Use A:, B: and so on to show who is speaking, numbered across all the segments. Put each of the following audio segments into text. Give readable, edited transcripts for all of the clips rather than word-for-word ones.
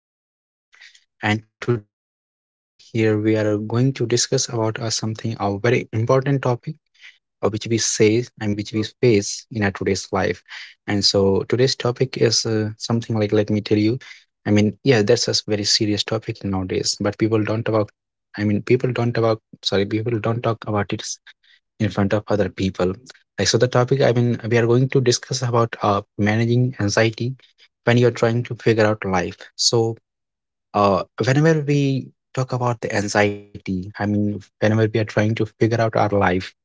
A: is our podcast, and today here we are going to discuss about something a very important topic, which we say, which we face in our today's life. And so today's topic is something like, let me tell you. Yeah, that's a very serious topic nowadays, but people don't about. I mean, people don't about. Sorry, people don't talk about it in front of other people. Like, so the topic, we are going to discuss about managing anxiety when you're trying to figure out life. So, whenever we talk about the anxiety, whenever we are trying to figure out our life,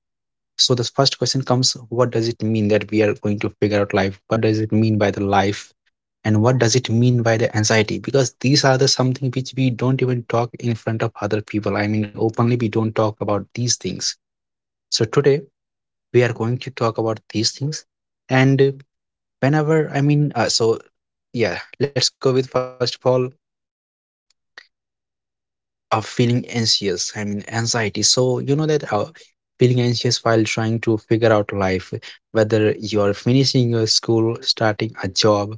A: so this first question comes, what does it mean that we are going to figure out life? What does it mean by the life? And what does it mean by the anxiety? Because these are the something which we don't even talk in front of other people. I mean, openly, we don't talk about these things. So today, we are going to talk about these things. And whenever, I mean, so yeah, let's go with first of all, feeling anxious. I mean, anxiety. So, you know that feeling anxious while trying to figure out life, whether you're finishing your school, starting a job,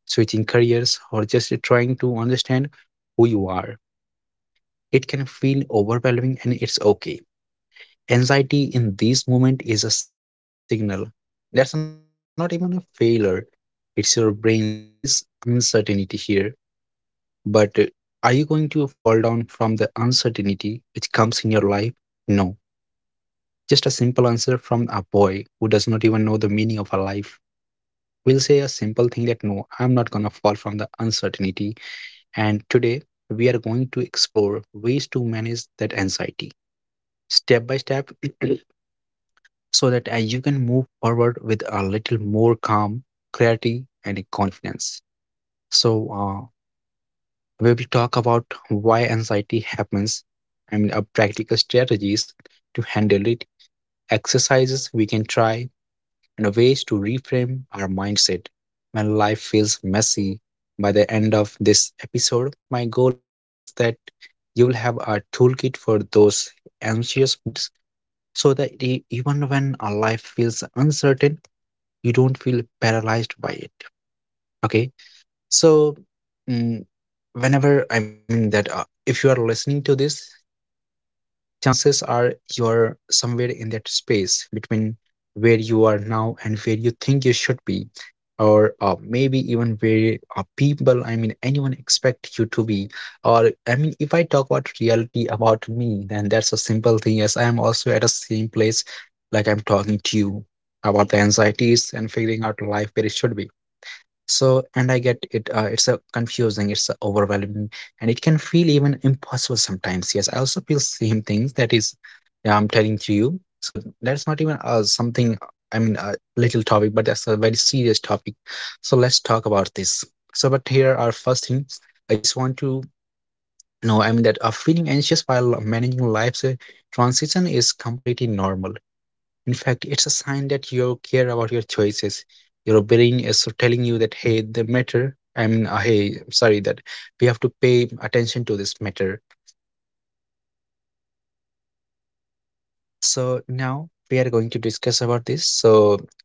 A: switching careers, or just trying to understand who you are. It can feel overwhelming and it's okay. Anxiety in this moment is a signal. That's not even a failure. It's your brain saying that, hey, there is uncertainty here, but are you going to fall down from the uncertainty which comes in your life? No. Just a simple answer from a boy who does not even know the meaning of a life will say a simple thing that, no, I'm not going to fall from the uncertainty. And today, we are going to explore ways to manage that anxiety step by step so that you can move forward with a little more calm, clarity, and confidence. So, we will talk about why anxiety happens and practical strategies to handle it, exercises we can try, and ways to reframe our mindset when life feels messy. By the end of this episode, my goal is that you will have a toolkit for those anxious moments so that even when our life feels uncertain, you don't feel paralyzed by it. Okay. So, mm, whenever I mean that if you are listening to this, chances are you are somewhere in that space between where you are now and where you think you should be, or maybe even where people, anyone expect you to be. Or if I talk about reality about me, then that's a simple thing, as I am also at the same place. Like I'm talking to you about the anxieties and figuring out life where it should be. So, and I get it. It's a confusing, it's a overwhelming, and it can feel even impossible sometimes. Yes, I also feel same things that is, yeah, I'm telling to you. So that's not even something. I mean, a little topic, but that's a very serious topic. So let's talk about this. So, but here are first things. I just want to know. That feeling anxious while managing life's transition is completely normal. In fact, it's a sign that you care about your choices. Your brain is so telling you that, hey, the matter, hey, sorry, that we have to pay attention to this matter. So now we are going to discuss about this. So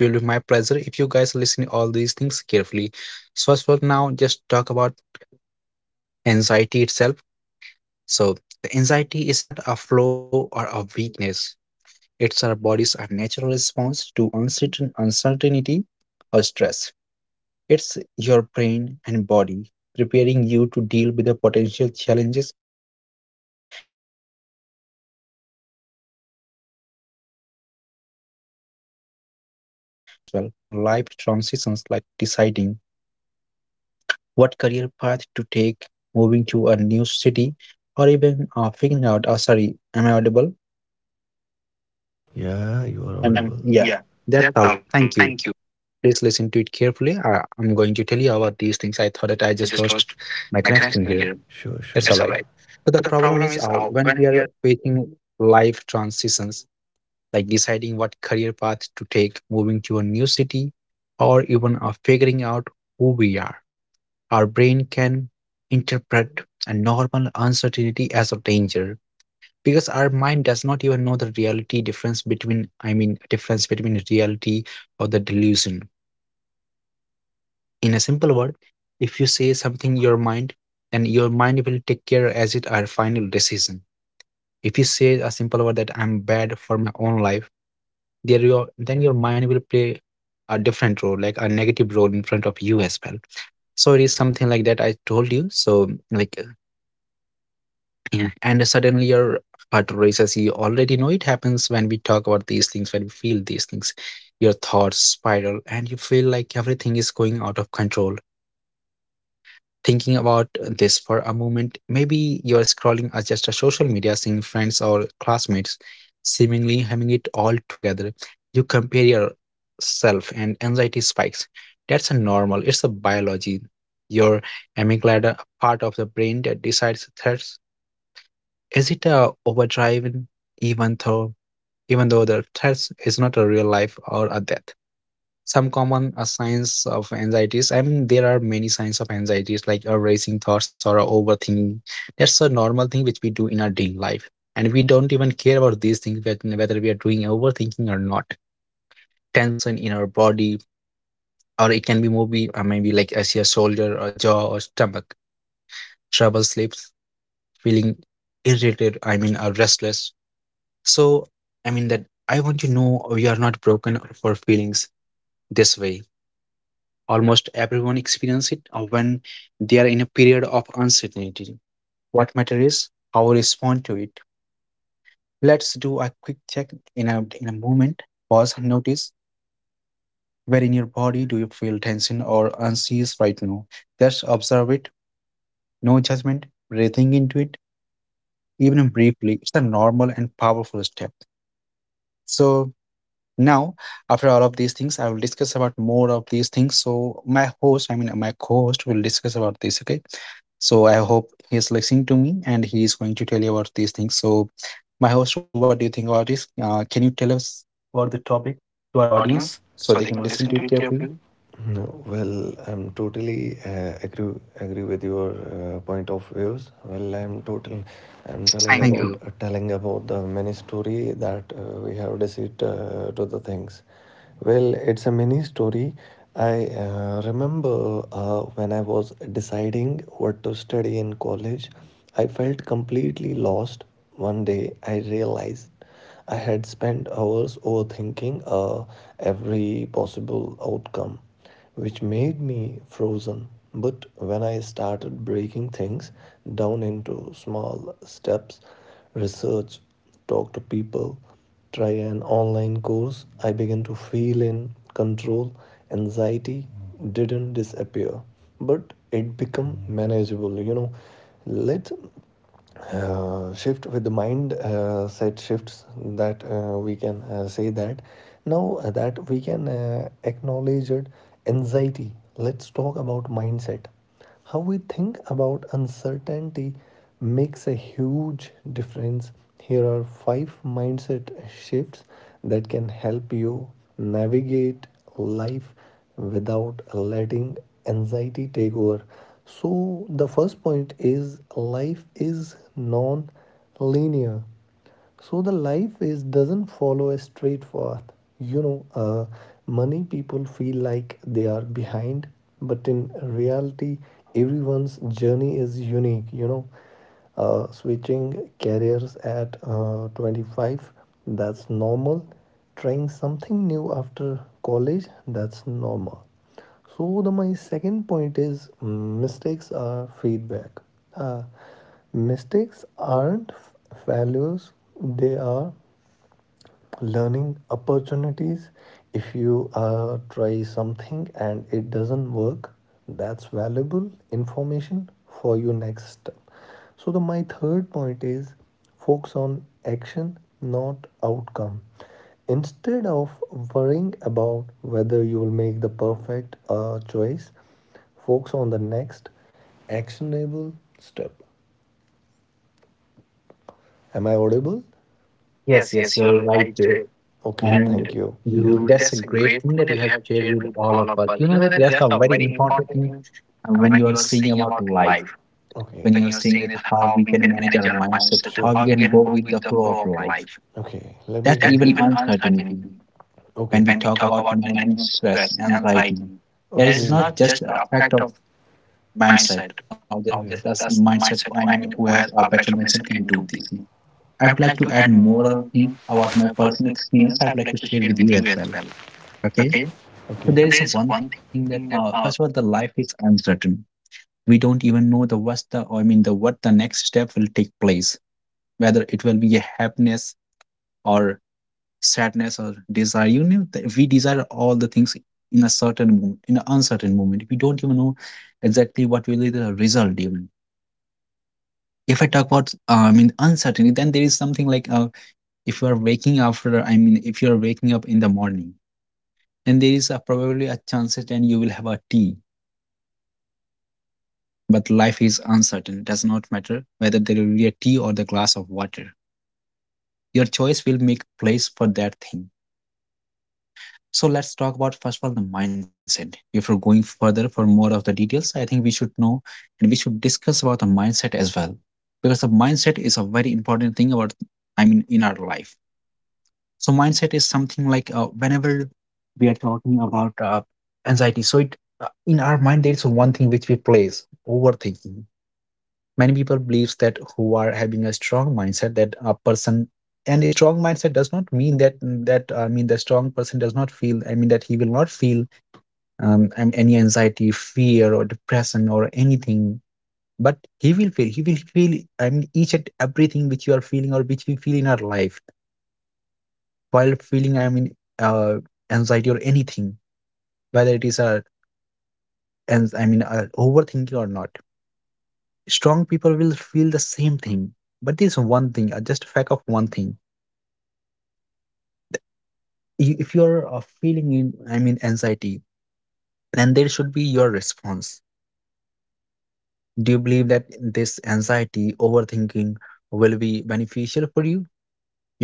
A: it will be my pleasure if you guys listen to all these things carefully. So first of all, now just talk about anxiety itself. So the anxiety is not a flaw or a weakness. It's our body's unnatural response to uncertainty or stress. It's your brain and body preparing you to deal with the potential challenges that might come in the future or in today's life, or you can say today even as well. So the problem is when we are facing life transitions like deciding what career path to take, moving to a new city, or even figuring out, oh, sorry, am I audible?
B: Yeah, you are audible. And yeah,
A: Yeah,
B: that's all.
A: that's all right. Thank
B: Thank you.
A: you. Please listen to it carefully. I'm going to tell you about these things. I thought
B: But I
A: that I
B: just
A: just
B: lost
A: lost
B: my
A: my
B: connection
A: connection
B: here.
A: here.
B: Sure, sure. It's all
A: That's all
B: right.
A: right.
B: But the
A: So the
B: problem
A: problem
B: is
A: is
B: when
A: when
B: we are
A: we are facing life transitions, like deciding what career path to take, moving to a new city, or even figuring out who we are, our brain can interpret a normal uncertainty as a danger, because our mind does not even know the reality difference between, difference between reality or the delusion. In a simple word, if you say something your mind, then your mind will take care as it our final decision. If you say a simple word that I'm bad for my own life, there your then your mind will play a different role, like a negative role in front of you as well. So it is something like that I told you. So like yeah, and suddenly your heart races. You already know it happens when we talk about these things, when we feel these things. Your thoughts spiral, and you feel like everything is going out of control. Thinking about this for a moment, maybe you're scrolling as just a social media, seeing friends or classmates seemingly having it all together. You compare yourself and anxiety spikes. That's a normal, it's a biology. Your amygdala, a part of the brain that decides threats. Is it a overdrive, even though even though the threats is not a real life or a death? Some common signs of anxieties, there are many signs of anxieties, like a racing thoughts or a overthinking. That's a normal thing which we do in our daily life, and we don't even care about these things whether we are doing overthinking or not. Tension in our body, or it can be maybe like as your shoulder or jaw or stomach, trouble sleeps, feeling irritated, or restless. So, I mean that I want you to know you are not broken for feelings this way. Almost everyone experiences it when they are in a period of uncertainty. What matters is how we respond to it. Let's do a quick check in in a moment. Pause and notice where in your body do you feel tension or unease right now. Just observe it, no judgment, breathing into it, even briefly. It's a normal and powerful step. So, now, after all of these things, I will discuss about more of these things. So my host, I mean my co-host, will discuss about this. Okay. So I hope he is listening to me and he is going to tell you about these things. So my host, what do you think about this? Can you tell us about the topic to
B: to our
A: our
B: audience,
A: audience
B: so
A: so
B: they
A: they
B: can
A: can
B: listen
A: listen
B: to
A: to
B: it
A: it
B: carefully.
A: carefully?
B: No, well, I'm totally agree with your point of views. Well, I'm total. I'm telling
A: Yes,
B: Thank you.
A: thank
B: About
A: you.
B: telling about the mini story that we have received to the things. Well, it's a mini story. I remember when I was deciding what to study in college, I felt completely lost. One day, I realized I had spent hours overthinking every possible outcome which made me frozen. But when I started breaking things down into small steps, research, talk to people, try an online course, I began to feel in control. Anxiety didn't disappear, but it became manageable. Let shift with the mind set shifts that we can say that now that we can acknowledge it anxiety. Let's talk about mindset. How we think about uncertainty makes a huge difference. Here are five mindset shifts that can help you navigate life without letting anxiety take over. So, the first point is life is non linear. So, the life is doesn't follow a straight path. You know, uh, Many people feel like they are behind, but in reality, everyone's journey is unique. Switching careers at 25, that's normal. Trying something new after college, that's normal. So, the my second point is mistakes are feedback. uh, Mistakes aren't failures. They are learning opportunities. If you try something and it doesn't work, that's valuable information for your next step. So, the my third point is focus on action, not outcome. Instead of worrying about whether you will make the perfect choice, focus on the next actionable step. Am I audible? Yes,
A: Yes,
B: yes,
A: yes,
B: you're
A: you're
B: right.
A: right.
B: Okay, and thank
A: And
B: you. You,
A: you,
B: that's
A: that's
B: a
A: a
B: great
A: great
B: thing
A: thing
B: that
A: that
B: you
A: you
B: have
A: have
B: shared
A: shared
B: with
A: with
B: all
A: all
B: of
A: of
B: us.
A: us.
B: You
A: You
B: know
A: know
B: that
A: that
B: that's
A: that's
B: a
A: a
B: very
A: very
B: important
A: important
B: thing
A: thing
B: when
A: when
B: you
A: you
B: are
A: are
B: saying
A: saying about
B: about life.
A: life.
B: Okay, when
A: When
B: you're
A: you're
B: saying
A: saying
B: that
A: that how
B: how
A: we
B: we
A: can
B: can manage
A: manage
B: our
A: our
B: mindset,
A: mindset,
B: sure, how
A: how
B: sure, we
A: we
B: sure can
A: can
B: go
A: go
B: with
A: with
B: the
A: the
B: flow
A: flow
B: of
A: of life.
B: life. Okay, let me.
A: That's
B: That's continue.
A: even
B: Even
A: uncertainty.
B: uncertainty. Okay,
A: When
B: when
A: we
B: we
A: talk
B: talk
A: about
B: about managing
A: managing
B: stress,
A: stress,
B: and anxiety,
A: anxiety,
B: it
A: it
B: is okay,
A: is
B: not
A: not
B: just
A: just
B: the
A: a
B: effect
A: fact of
B: of
A: mindset
B: mindset.
A: or just as
B: Obviously, that's the
A: mindset. I
B: mindset.
A: mean,
B: I
A: who
B: mean,
A: has
B: who
A: a
B: has
A: better
B: a better
A: mindset can
B: mindset
A: do
B: can
A: these
B: do
A: things.
B: these things.
A: I would
B: I would
A: like
B: like
A: to
B: to
A: add
B: add
A: more
B: more
A: of
B: of
A: things
B: things
A: about my
B: about my
A: personal
B: personal
A: experience. I
B: experience. I
A: would
B: would
A: like to
B: like to
A: share
B: share
A: with
B: with
A: you
B: you
A: as
B: as
A: well.
B: well.
A: Okay,
B: Okay.
A: so
B: Okay. So
A: there
B: there
A: is a
B: is
A: one
B: one
A: thing that
B: thing that
A: first of all, the life is uncertain. We don't even know the what's the what the next step will take place, whether it will be a happiness or sadness or desire. You know that we desire all the things in a certain moment. In an uncertain moment we don't even know exactly what will be the result. Even if I talk about uncertainty, then there is something like if you are waking after I mean if you are waking up in the morning, then there is probably a chance that you will have a tea. But life is uncertain. It does not matter whether there will be a tea or the glass of water. Your choice will make place for that thing. So let's talk about first of all the mindset. If we're going further for more of the details, I think we should know and we should discuss about the mindset as well. Because the mindset is a very important thing about, I mean, in our life. So mindset is something like, whenever we are talking about anxiety, so it in our mind there is one thing which we place overthinking. Many people believes that who are having a strong mindset, that a person and a strong mindset does not mean that the strong person does not feel, I mean, that he will not feel any anxiety, fear, or depression, or anything, but he will feel, I mean, each and everything which you are feeling or which we feel in our life, while feeling, I mean, uh, anxiety or anything, whether it is a, and I mean overthinking or not. Strong people will feel the same thing, but there's one thing, just a fact of one thing. If you're feeling in, I mean, anxiety, then there should be your response. Do you believe that this anxiety overthinking will be beneficial for you?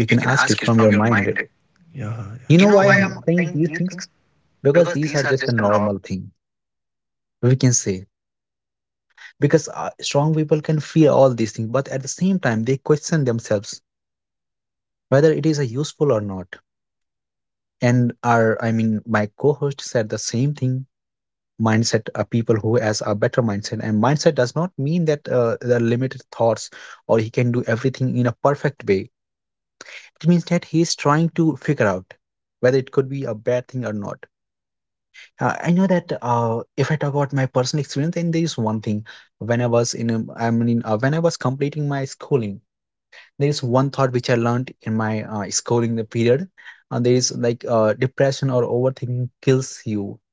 B: you
A: You
B: can
A: can
B: ask it
A: ask it
B: from
A: from
B: your
A: your
B: mind. Right?
A: mind.
B: Yeah, yeah. You
A: You
B: know so,
A: know
B: why
A: why
B: I'm
A: I'm
B: saying
A: saying
B: these
A: these
B: things?
A: things?
B: Because
A: Because
B: these are
A: these are
B: just a
A: just a
B: norm.
A: normal thing, we can say. Because strong people can fear all these things, but at the same time they question themselves whether it is a useful or not. And our I mean my co-host said the same thing. Mindset, people who has a better mindset, and mindset does not mean that there are limited thoughts, or he can do everything in a perfect way. It means that he is trying to figure out whether it could be a bad thing or not. I know that, if I talk about my personal experience, then there is one thing. When I mean, when I was completing my schooling, there is one thought which I learned in my schooling the period, and there is like, depression or overthinking kills you,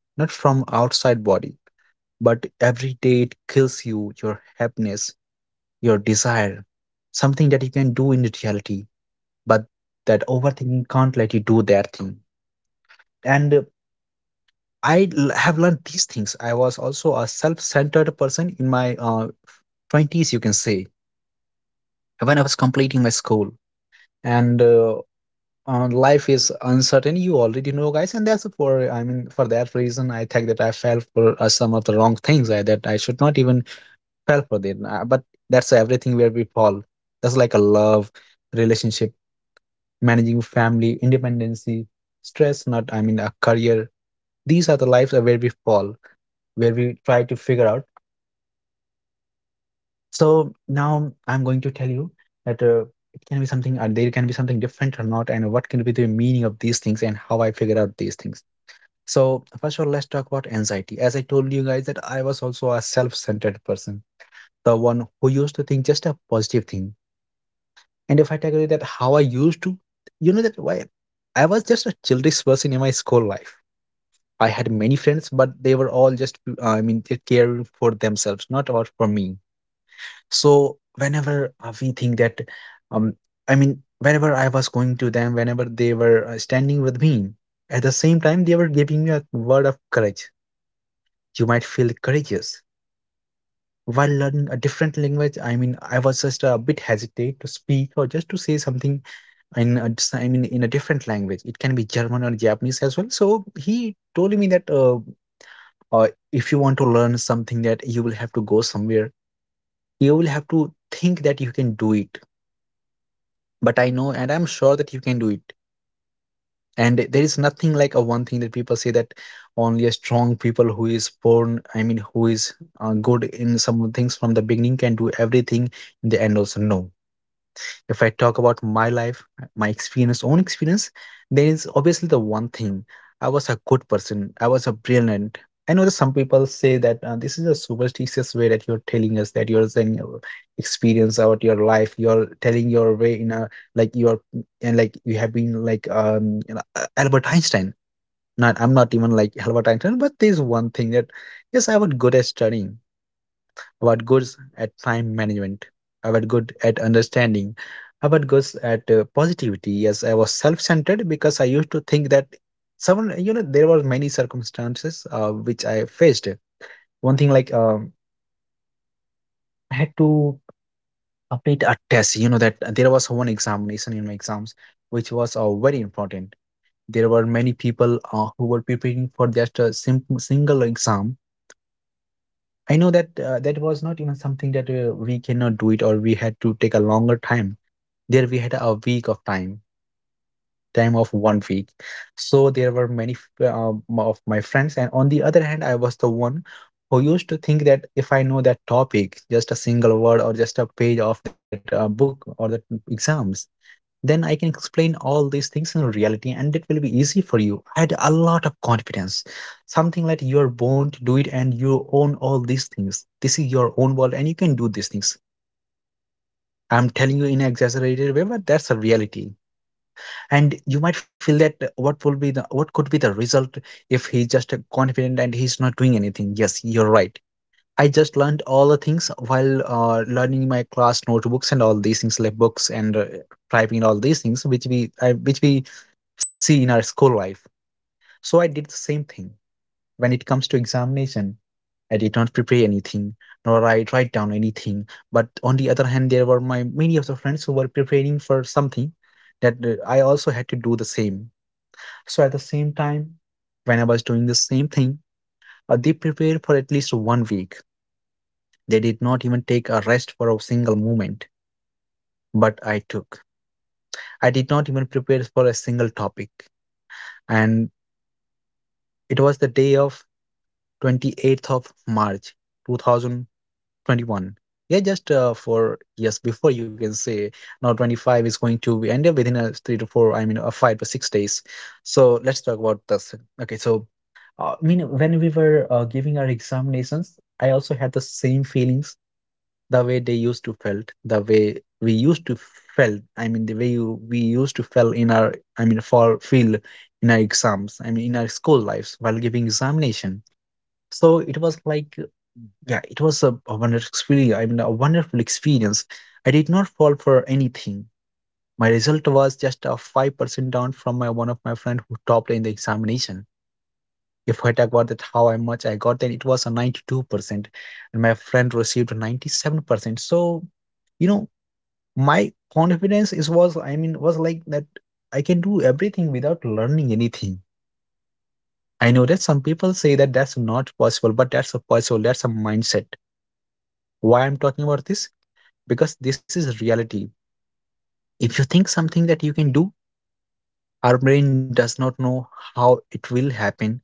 A: not from outside body, but every day it kills you, your happiness, your desire, something that you can do in reality, but that overthinking can't let you do that thing. And I have learned these things. I was also a self centered person in my 20s, you can say, when I was completing my school. And life is uncertain, you already know, guys. And that's for, I mean, for that reason, I think that I fell for some of the wrong things that I should not even fell for it. But that's everything where we fall. That's like a love, relationship, managing family, independency, stress, not, I mean, a career. These are the lives are where we fall, where we try to figure out. So now I'm going to tell you that it can be something, there can be something different or not, and what can be the meaning of these things and how I figure out these things. So first of all, let's talk about anxiety. As I told you guys that I was also a self-centered person, the one who used to think just a positive thing. And if I tell you that how I used to, you know that why I was just a childish person in my school life. I had many friends, but they were all just, I mean, they caring for themselves, not about for me. So whenever we think that, um, I mean, whenever I was going to them, whenever they were standing with me, at the same time they were giving me a word of courage. You might feel courageous while learning a different language. I mean, I was just a bit hesitate to speak or just to say something I mean in a different language. It can be German or Japanese as well. So he told me that if you want to learn something that you will have to go somewhere, you will have to think that you can do it. But I know and I'm sure that you can do it. And there is nothing like a one thing that people say that only a strong people who is born, I mean, who is good in some things from the beginning can do everything in the end also. No, if I talk about my life, my experience, own experience, then it's obviously the one thing. I was a good person. I was a brilliant. I know that some people say that this is a superstitious way that you're telling us that you're saying your experience about your life. You're telling your way in a, like, you're, and like you have been like Albert Einstein. Not I'm not even like Albert Einstein, but there's one thing that, yes, I was good at studying, our goods at time management, our good at understanding, our goods at positivity. Yes, I was self-centered because I used to think that someone, there were many circumstances which I faced. One thing like, I had to complete a test. You know that there was one examination in my exams which was very important. There were many people who were preparing for just a simple single exam. I know that, that was not even something that we cannot do it or we had to take a longer time. There we had a week of time, time of one week. So there were many, of my friends, and on the other hand I was the one who used to think that if I know that topic, just a single word or just a page of that book or the exams, then I can explain all these things in reality, and it will be easy for you. I had a lot of confidence, something like you are born to do it and you own all these things. This is your own world and you can do these things. I'm telling you in an exaggerated way, but that's a reality. And you might feel that what could be the result if he's just confident and he's not doing anything. Yes, you're right. I just learned all the things while learning my class notebooks and all these things like books and typing and all these things which we see in our school life. So I did the same thing. When it comes to examination, I did not prepare anything, nor I write down anything, but on the other hand there were my many of the friends who were preparing for something, that I also had to do the same. So at the same time, when I was doing the same thing, they prepared for at least one week. They did not even take a rest for a single moment, but I took. I did not even prepare for a single topic. And it was the day of 28th of March two thousand 21. Yeah, just 4 years before, you can say, now 25 is going to be ended within a three to four, I mean, a 5 to 6 days. So let's talk about this. Okay, so I mean, when we were giving our examinations, I also had the same feelings, the way they used to felt, the way we used to felt. I mean, the way we used to felt in our, I mean, for feel in our exams. I mean, in our school lives while giving examination. So it was like, yeah, it was a wonderful experience. I mean, a wonderful experience. I did not fall for anything. My result was just a 5% down from my one of my friend who topped in the examination. If I talk about that how much I got, then it was a 92%, and my friend received a 97%. So, you know, my confidence is was, I mean, was like that. I can do everything without learning anything. I know that some people say that that's not possible, but that's a possible. That's a mindset. Why I'm talking about this? Because this is reality. If you think something that you can do, our brain does not know how it will happen,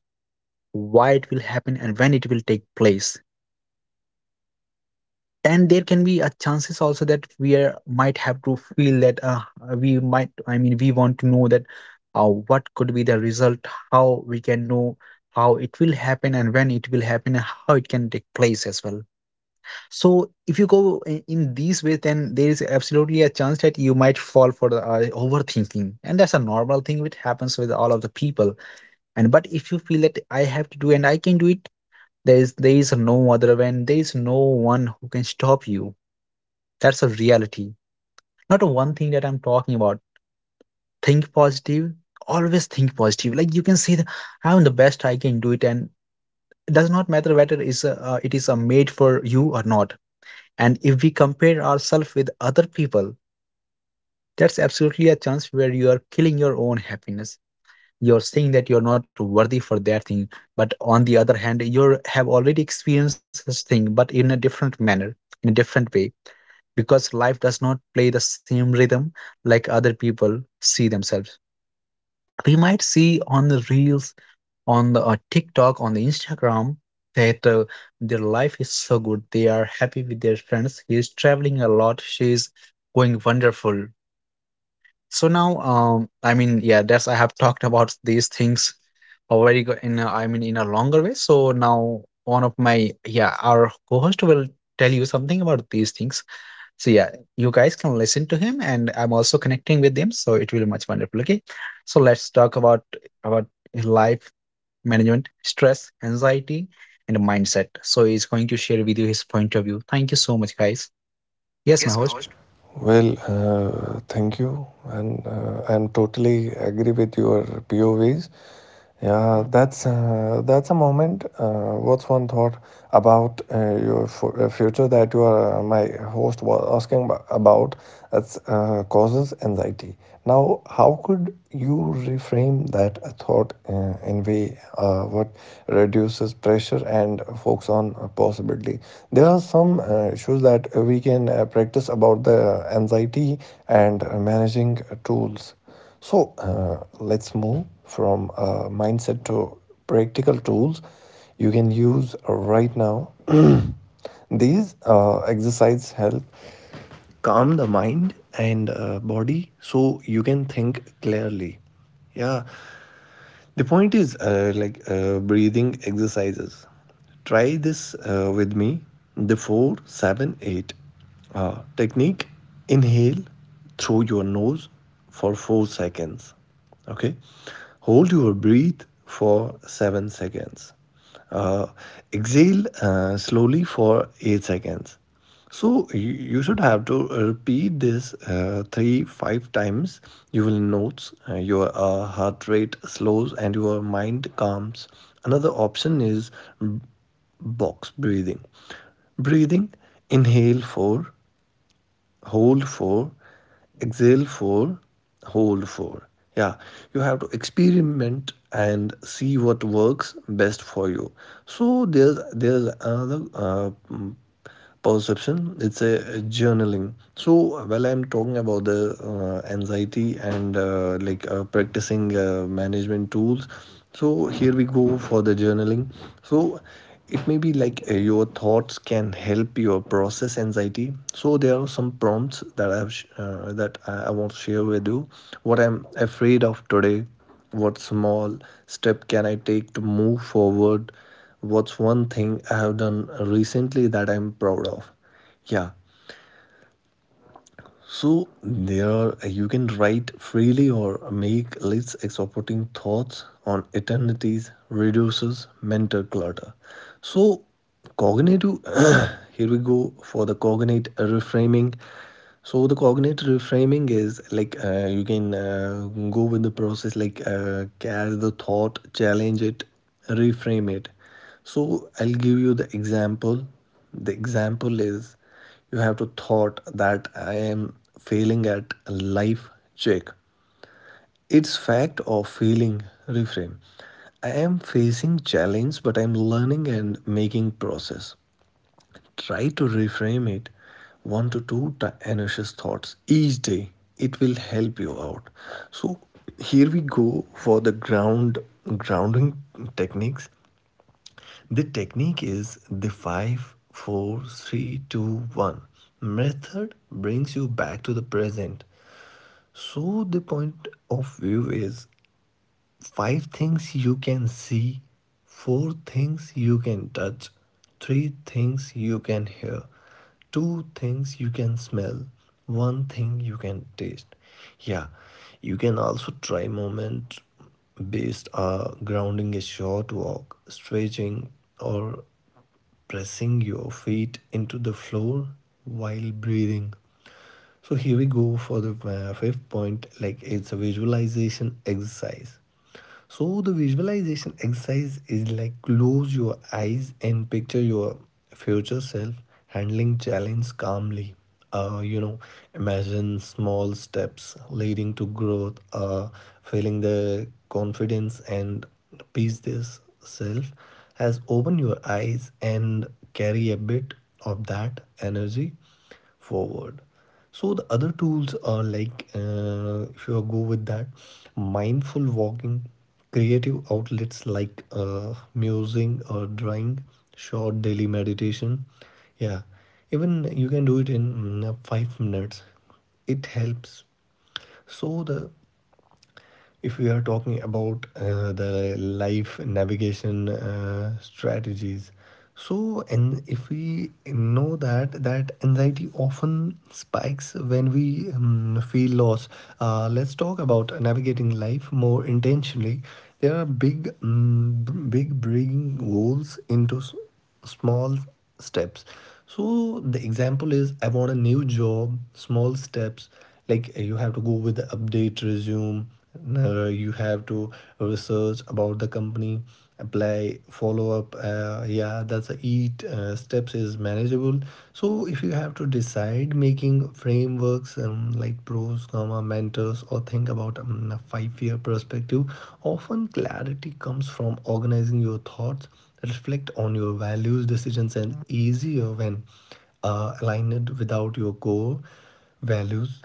A: why it will happen, and when it will take place. And there can be a chances also that we are, might have to feel that we might, I mean, we want to know that what could be the result, how we can know how it will happen, and when it will happen, and how it can take place as well. So if you go in these ways, then there is absolutely a chance that you might fall for the overthinking, and that's a normal thing which happens with all of the people. And but if you feel that I have to do and I can do it, there is no other way, and there is no one who can stop you. That's a reality. Not a one thing that I'm talking about. Think positive. Always think positive. Like you can say that I'm the best. I can do it, and it does not matter whether it's a, it is a made for you or not. And if we compare ourselves with other people, that's absolutely a chance where you are killing your own happiness. You're saying that you're not worthy for that thing, but on the other hand, you have already experienced this thing, but in a different manner, in a different way, because life does not play the same rhythm like other people see themselves. We might see on the reels, on the TikTok, on the Instagram that their life is so good. They are happy with their friends. He is traveling a lot. She is going wonderful. So now, yeah, that's I have talked about these things already go in. A, I mean, in a longer way. So now, one of my yeah, our co-host will tell you something about these things. So yeah, you guys can listen to him, and I'm also connecting with them. So it will be much wonderful. Okay, so let's talk about life management, stress, anxiety, and mindset. So he's going to share with you his point of view. Thank you so much, guys. Yes,
B: Yes,
A: my
B: my host.
A: host.
B: Well, thank you, and I'm totally agree with your POVs. Yeah, that's a moment. What's one thought about your future that you are my host was asking about that causes anxiety. Now, how could you reframe that thought in way what reduces pressure and focus on possibility? There are some issues that we can practice about the anxiety and managing tools. So let's move from mindset to practical tools you can use right now. These exercises help calm the mind and body so you can think clearly. Yeah, the point is like breathing exercises. Try this with me. The 4-7-8 technique. Inhale through your nose for 4 seconds. Okay. Hold your breath for 7 seconds. Uh, Exhale slowly for 8 seconds. So you should have to repeat this 3-5 times. You will notice your heart rate slows and your mind calms. Another option is box breathing. Breathing, inhale for, hold for, exhale for, hold for. Yeah, you have to experiment and see what works best for you. So there's another perception. It's a journaling. So while I'm talking about the anxiety and like practicing management tools, so here we go for the journaling. So it may be like your thoughts can help your process anxiety. So there are some prompts that I want to share with you. What I'm afraid of today? What small step can I take to move forward? What's one thing I have done recently that I'm proud of? Yeah, so there you can write freely or make lists. Exporting thoughts on eternities reduces mental clutter. So cognitive here we go for the cognate reframing. So the cognate reframing is like you can go with the process, like catch the thought, challenge it, reframe it. So I'll give you the example. The example is you have to thought that I am failing at life. Check, it's fact or failing. Refrain, I am facing challenge but I'm learning and making process. Try to reframe it one to two anxious thoughts each day. It will help you out. So here we go for the grounding techniques. The technique is the 5-4-3-2-1 method brings you back to the present. So the point of view is 5 things you can see, 4 things you can touch, 3 things you can hear, 2 things you can smell, 1 thing you can taste. Yeah, you can also try moment based grounding, a short walk, stretching, or pressing your feet into the floor while breathing. So here we go for the fifth point, like it's a visualization exercise. So the visualization exercise is like close your eyes and picture your future self handling challenge calmly. Uh, you know, Imagine small steps leading to growth, feeling the confidence and peace this self as open your eyes and carry a bit of that energy forward. So the other tools are like if you go with that, mindful walking, creative outlets like musing or drawing, short daily meditation. Yeah, even you can do it in 5 minutes. It helps. So the, if we are talking about the life navigation strategies, so and if we know that anxiety often spikes when we feel lost, let's talk about navigating life more intentionally. There are big big, bringing goals into small steps. So the example is I want a new job. Small steps, like you have to go with the update resume, you have to research about the company, apply, follow up, yeah, that's a eat steps is manageable. So if you have to decide making frameworks like pros comma mentors or think about a 5-year perspective. Often clarity comes from organizing your thoughts. Reflect on your values. Decisions and easier when aligned without your core values.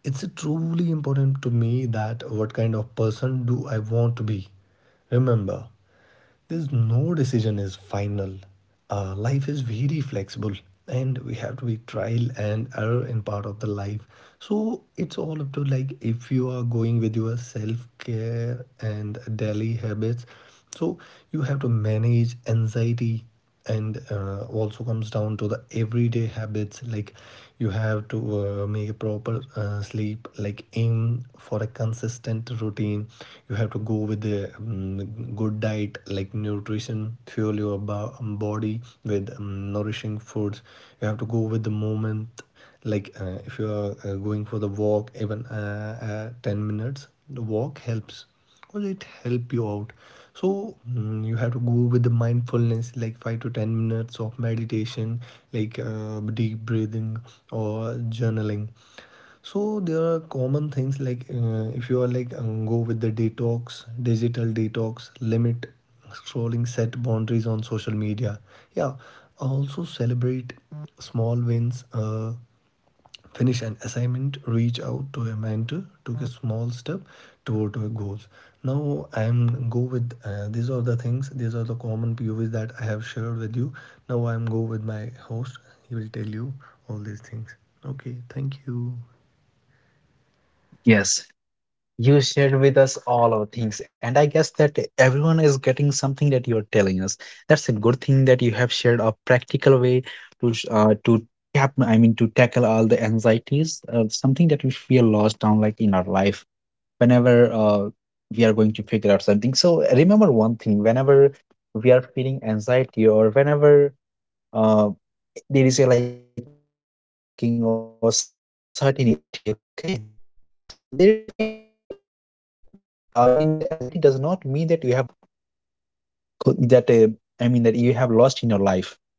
B: It's truly important to me that what kind of person do I want to be? Remember, there's no decision is final. Life is very flexible, and we have to be trial and error in part of the life. So it's all up to, like if you are going with your self care and daily habits. So you have to manage anxiety, and also comes down to the everyday habits. Like, you have to make a proper sleep, like aim for a consistent routine. You have to go with the good diet, like nutrition, fuel your body with nourishing foods. You have to go with the moment. Like if you are going for the walk, even 10 minutes, the walk helps because it help you out. So you have to go with the mindfulness, like 5 to 10 minutes of meditation, like deep breathing or journaling. So there are common things like if you are, like go with the detox digital detox, limit scrolling, set boundaries on social media. Yeah, also celebrate small wins, finish an assignment, reach out to a mentor, took a small step toward your goals. Now I am go with these are the things, these are the common P O povs that I have shared with you. Now I am go with my host. He will tell you all these things. Okay, thank you.
A: Yes. You shared with us all our things, and I guess that everyone is getting something that you're telling us. That's a good thing that you have shared a practical way to to cap. I mean, to tackle all the anxieties, something that we feel lost down like in our life whenever we are going to figure out something. So remember one thing: whenever we are feeling anxiety or whenever uh, there is a like a overthinking or certainty, okay. So there we can say that I mean, the anxiety does not mean that you have lost that I mean that you have lost in your life.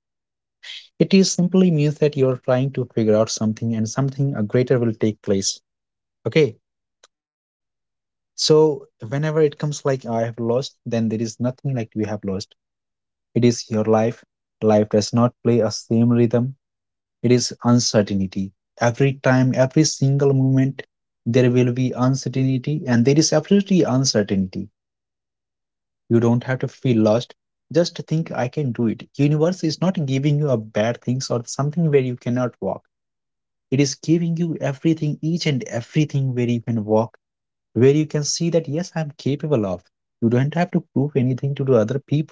A: It is simply means that you're trying to figure out something and something greater will take place. Okay. So whenever it comes like I have lost, then there is nothing like we have lost. It is your life. Life does not play a same rhythm. It is uncertainty. Every time, every single moment, there will be uncertainty, and there is absolutely uncertainty. You don't have to feel lost. Just think I can do it. Universe is not giving you a bad things or something where you cannot walk. It is giving you everything, each and everything where you can walk, where you can see that yes, I'm capable of. You don't have to prove anything to the other people.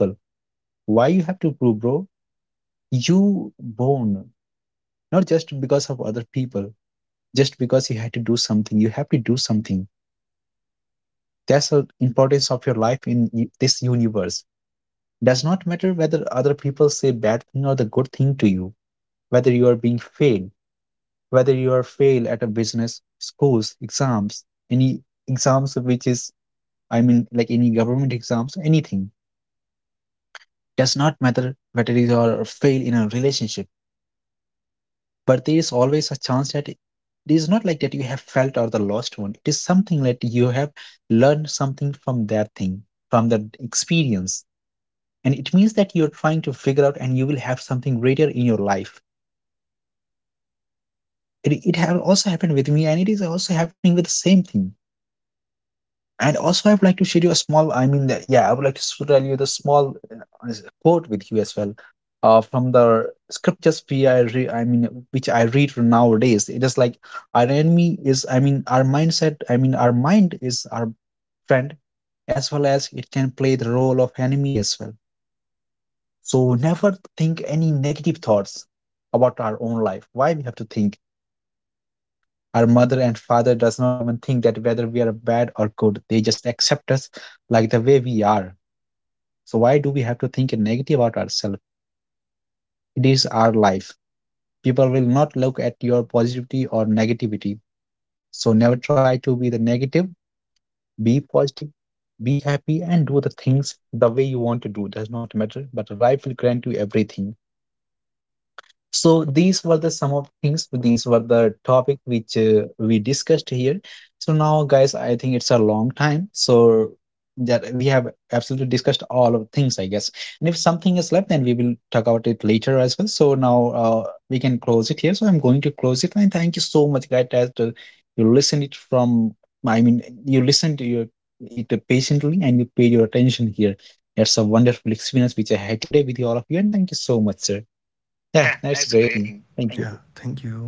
A: Why you have to prove, bro? You born, not just because of other people, just because you had to do something. You have to do something. That's the importance of your life in this universe. Does not matter whether other people say bad thing or the good thing to you, whether you are being failed, whether you are failed at a business schools exams, any exams which is, I mean, like any government exams, anything. Does not matter whether you are failed in a relationship, but there is always a chance that it is not like that you have felt or the lost one. It is something that you have learned something from that thing, from that experience, and it means that you're trying to figure out and you will have something greater in your life. It have also happened with me, and it is also happening with the same thing. And also, I would like to share you a small. I mean, the, yeah, I would like to tell you the small quote with you as well, from the scriptures we I mean, which I read nowadays. It is like our enemy is. I mean, our mindset. I mean, our mind is our friend, as well as it can play the role of enemy as well. So never think any negative thoughts about our own life. Why we have to think? Our mother and father does not even think that whether we are bad or good. They just accept us like the way we are. So why do we have to think negative about ourselves? It is our life. People will not look at your positivity or negativity. So never try to be the negative. Be positive, be happy, and do the things the way you want to do. Does not matter, but life will grant you everything. So these were the some of things. These were the topic which we discussed here. So now, guys, I think it's a long time. So that we have absolutely discussed all of things, I guess. And if something is left, then we will talk about it later as well. So now we can close it here. So I'm going to close it. And thank you so much, guys, that you listened it from. I mean, you listened to your it patiently and you paid your attention here. It's a wonderful experience which I had today with all of you. And thank you so much, sir.
B: Yeah,
A: Yeah,
B: that's
A: that's a great
B: great. Thank
A: thing.
B: you.
A: Thank
B: Yeah you.
A: you.
B: Thank you.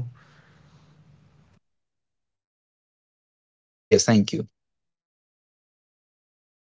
A: Yes, thank you.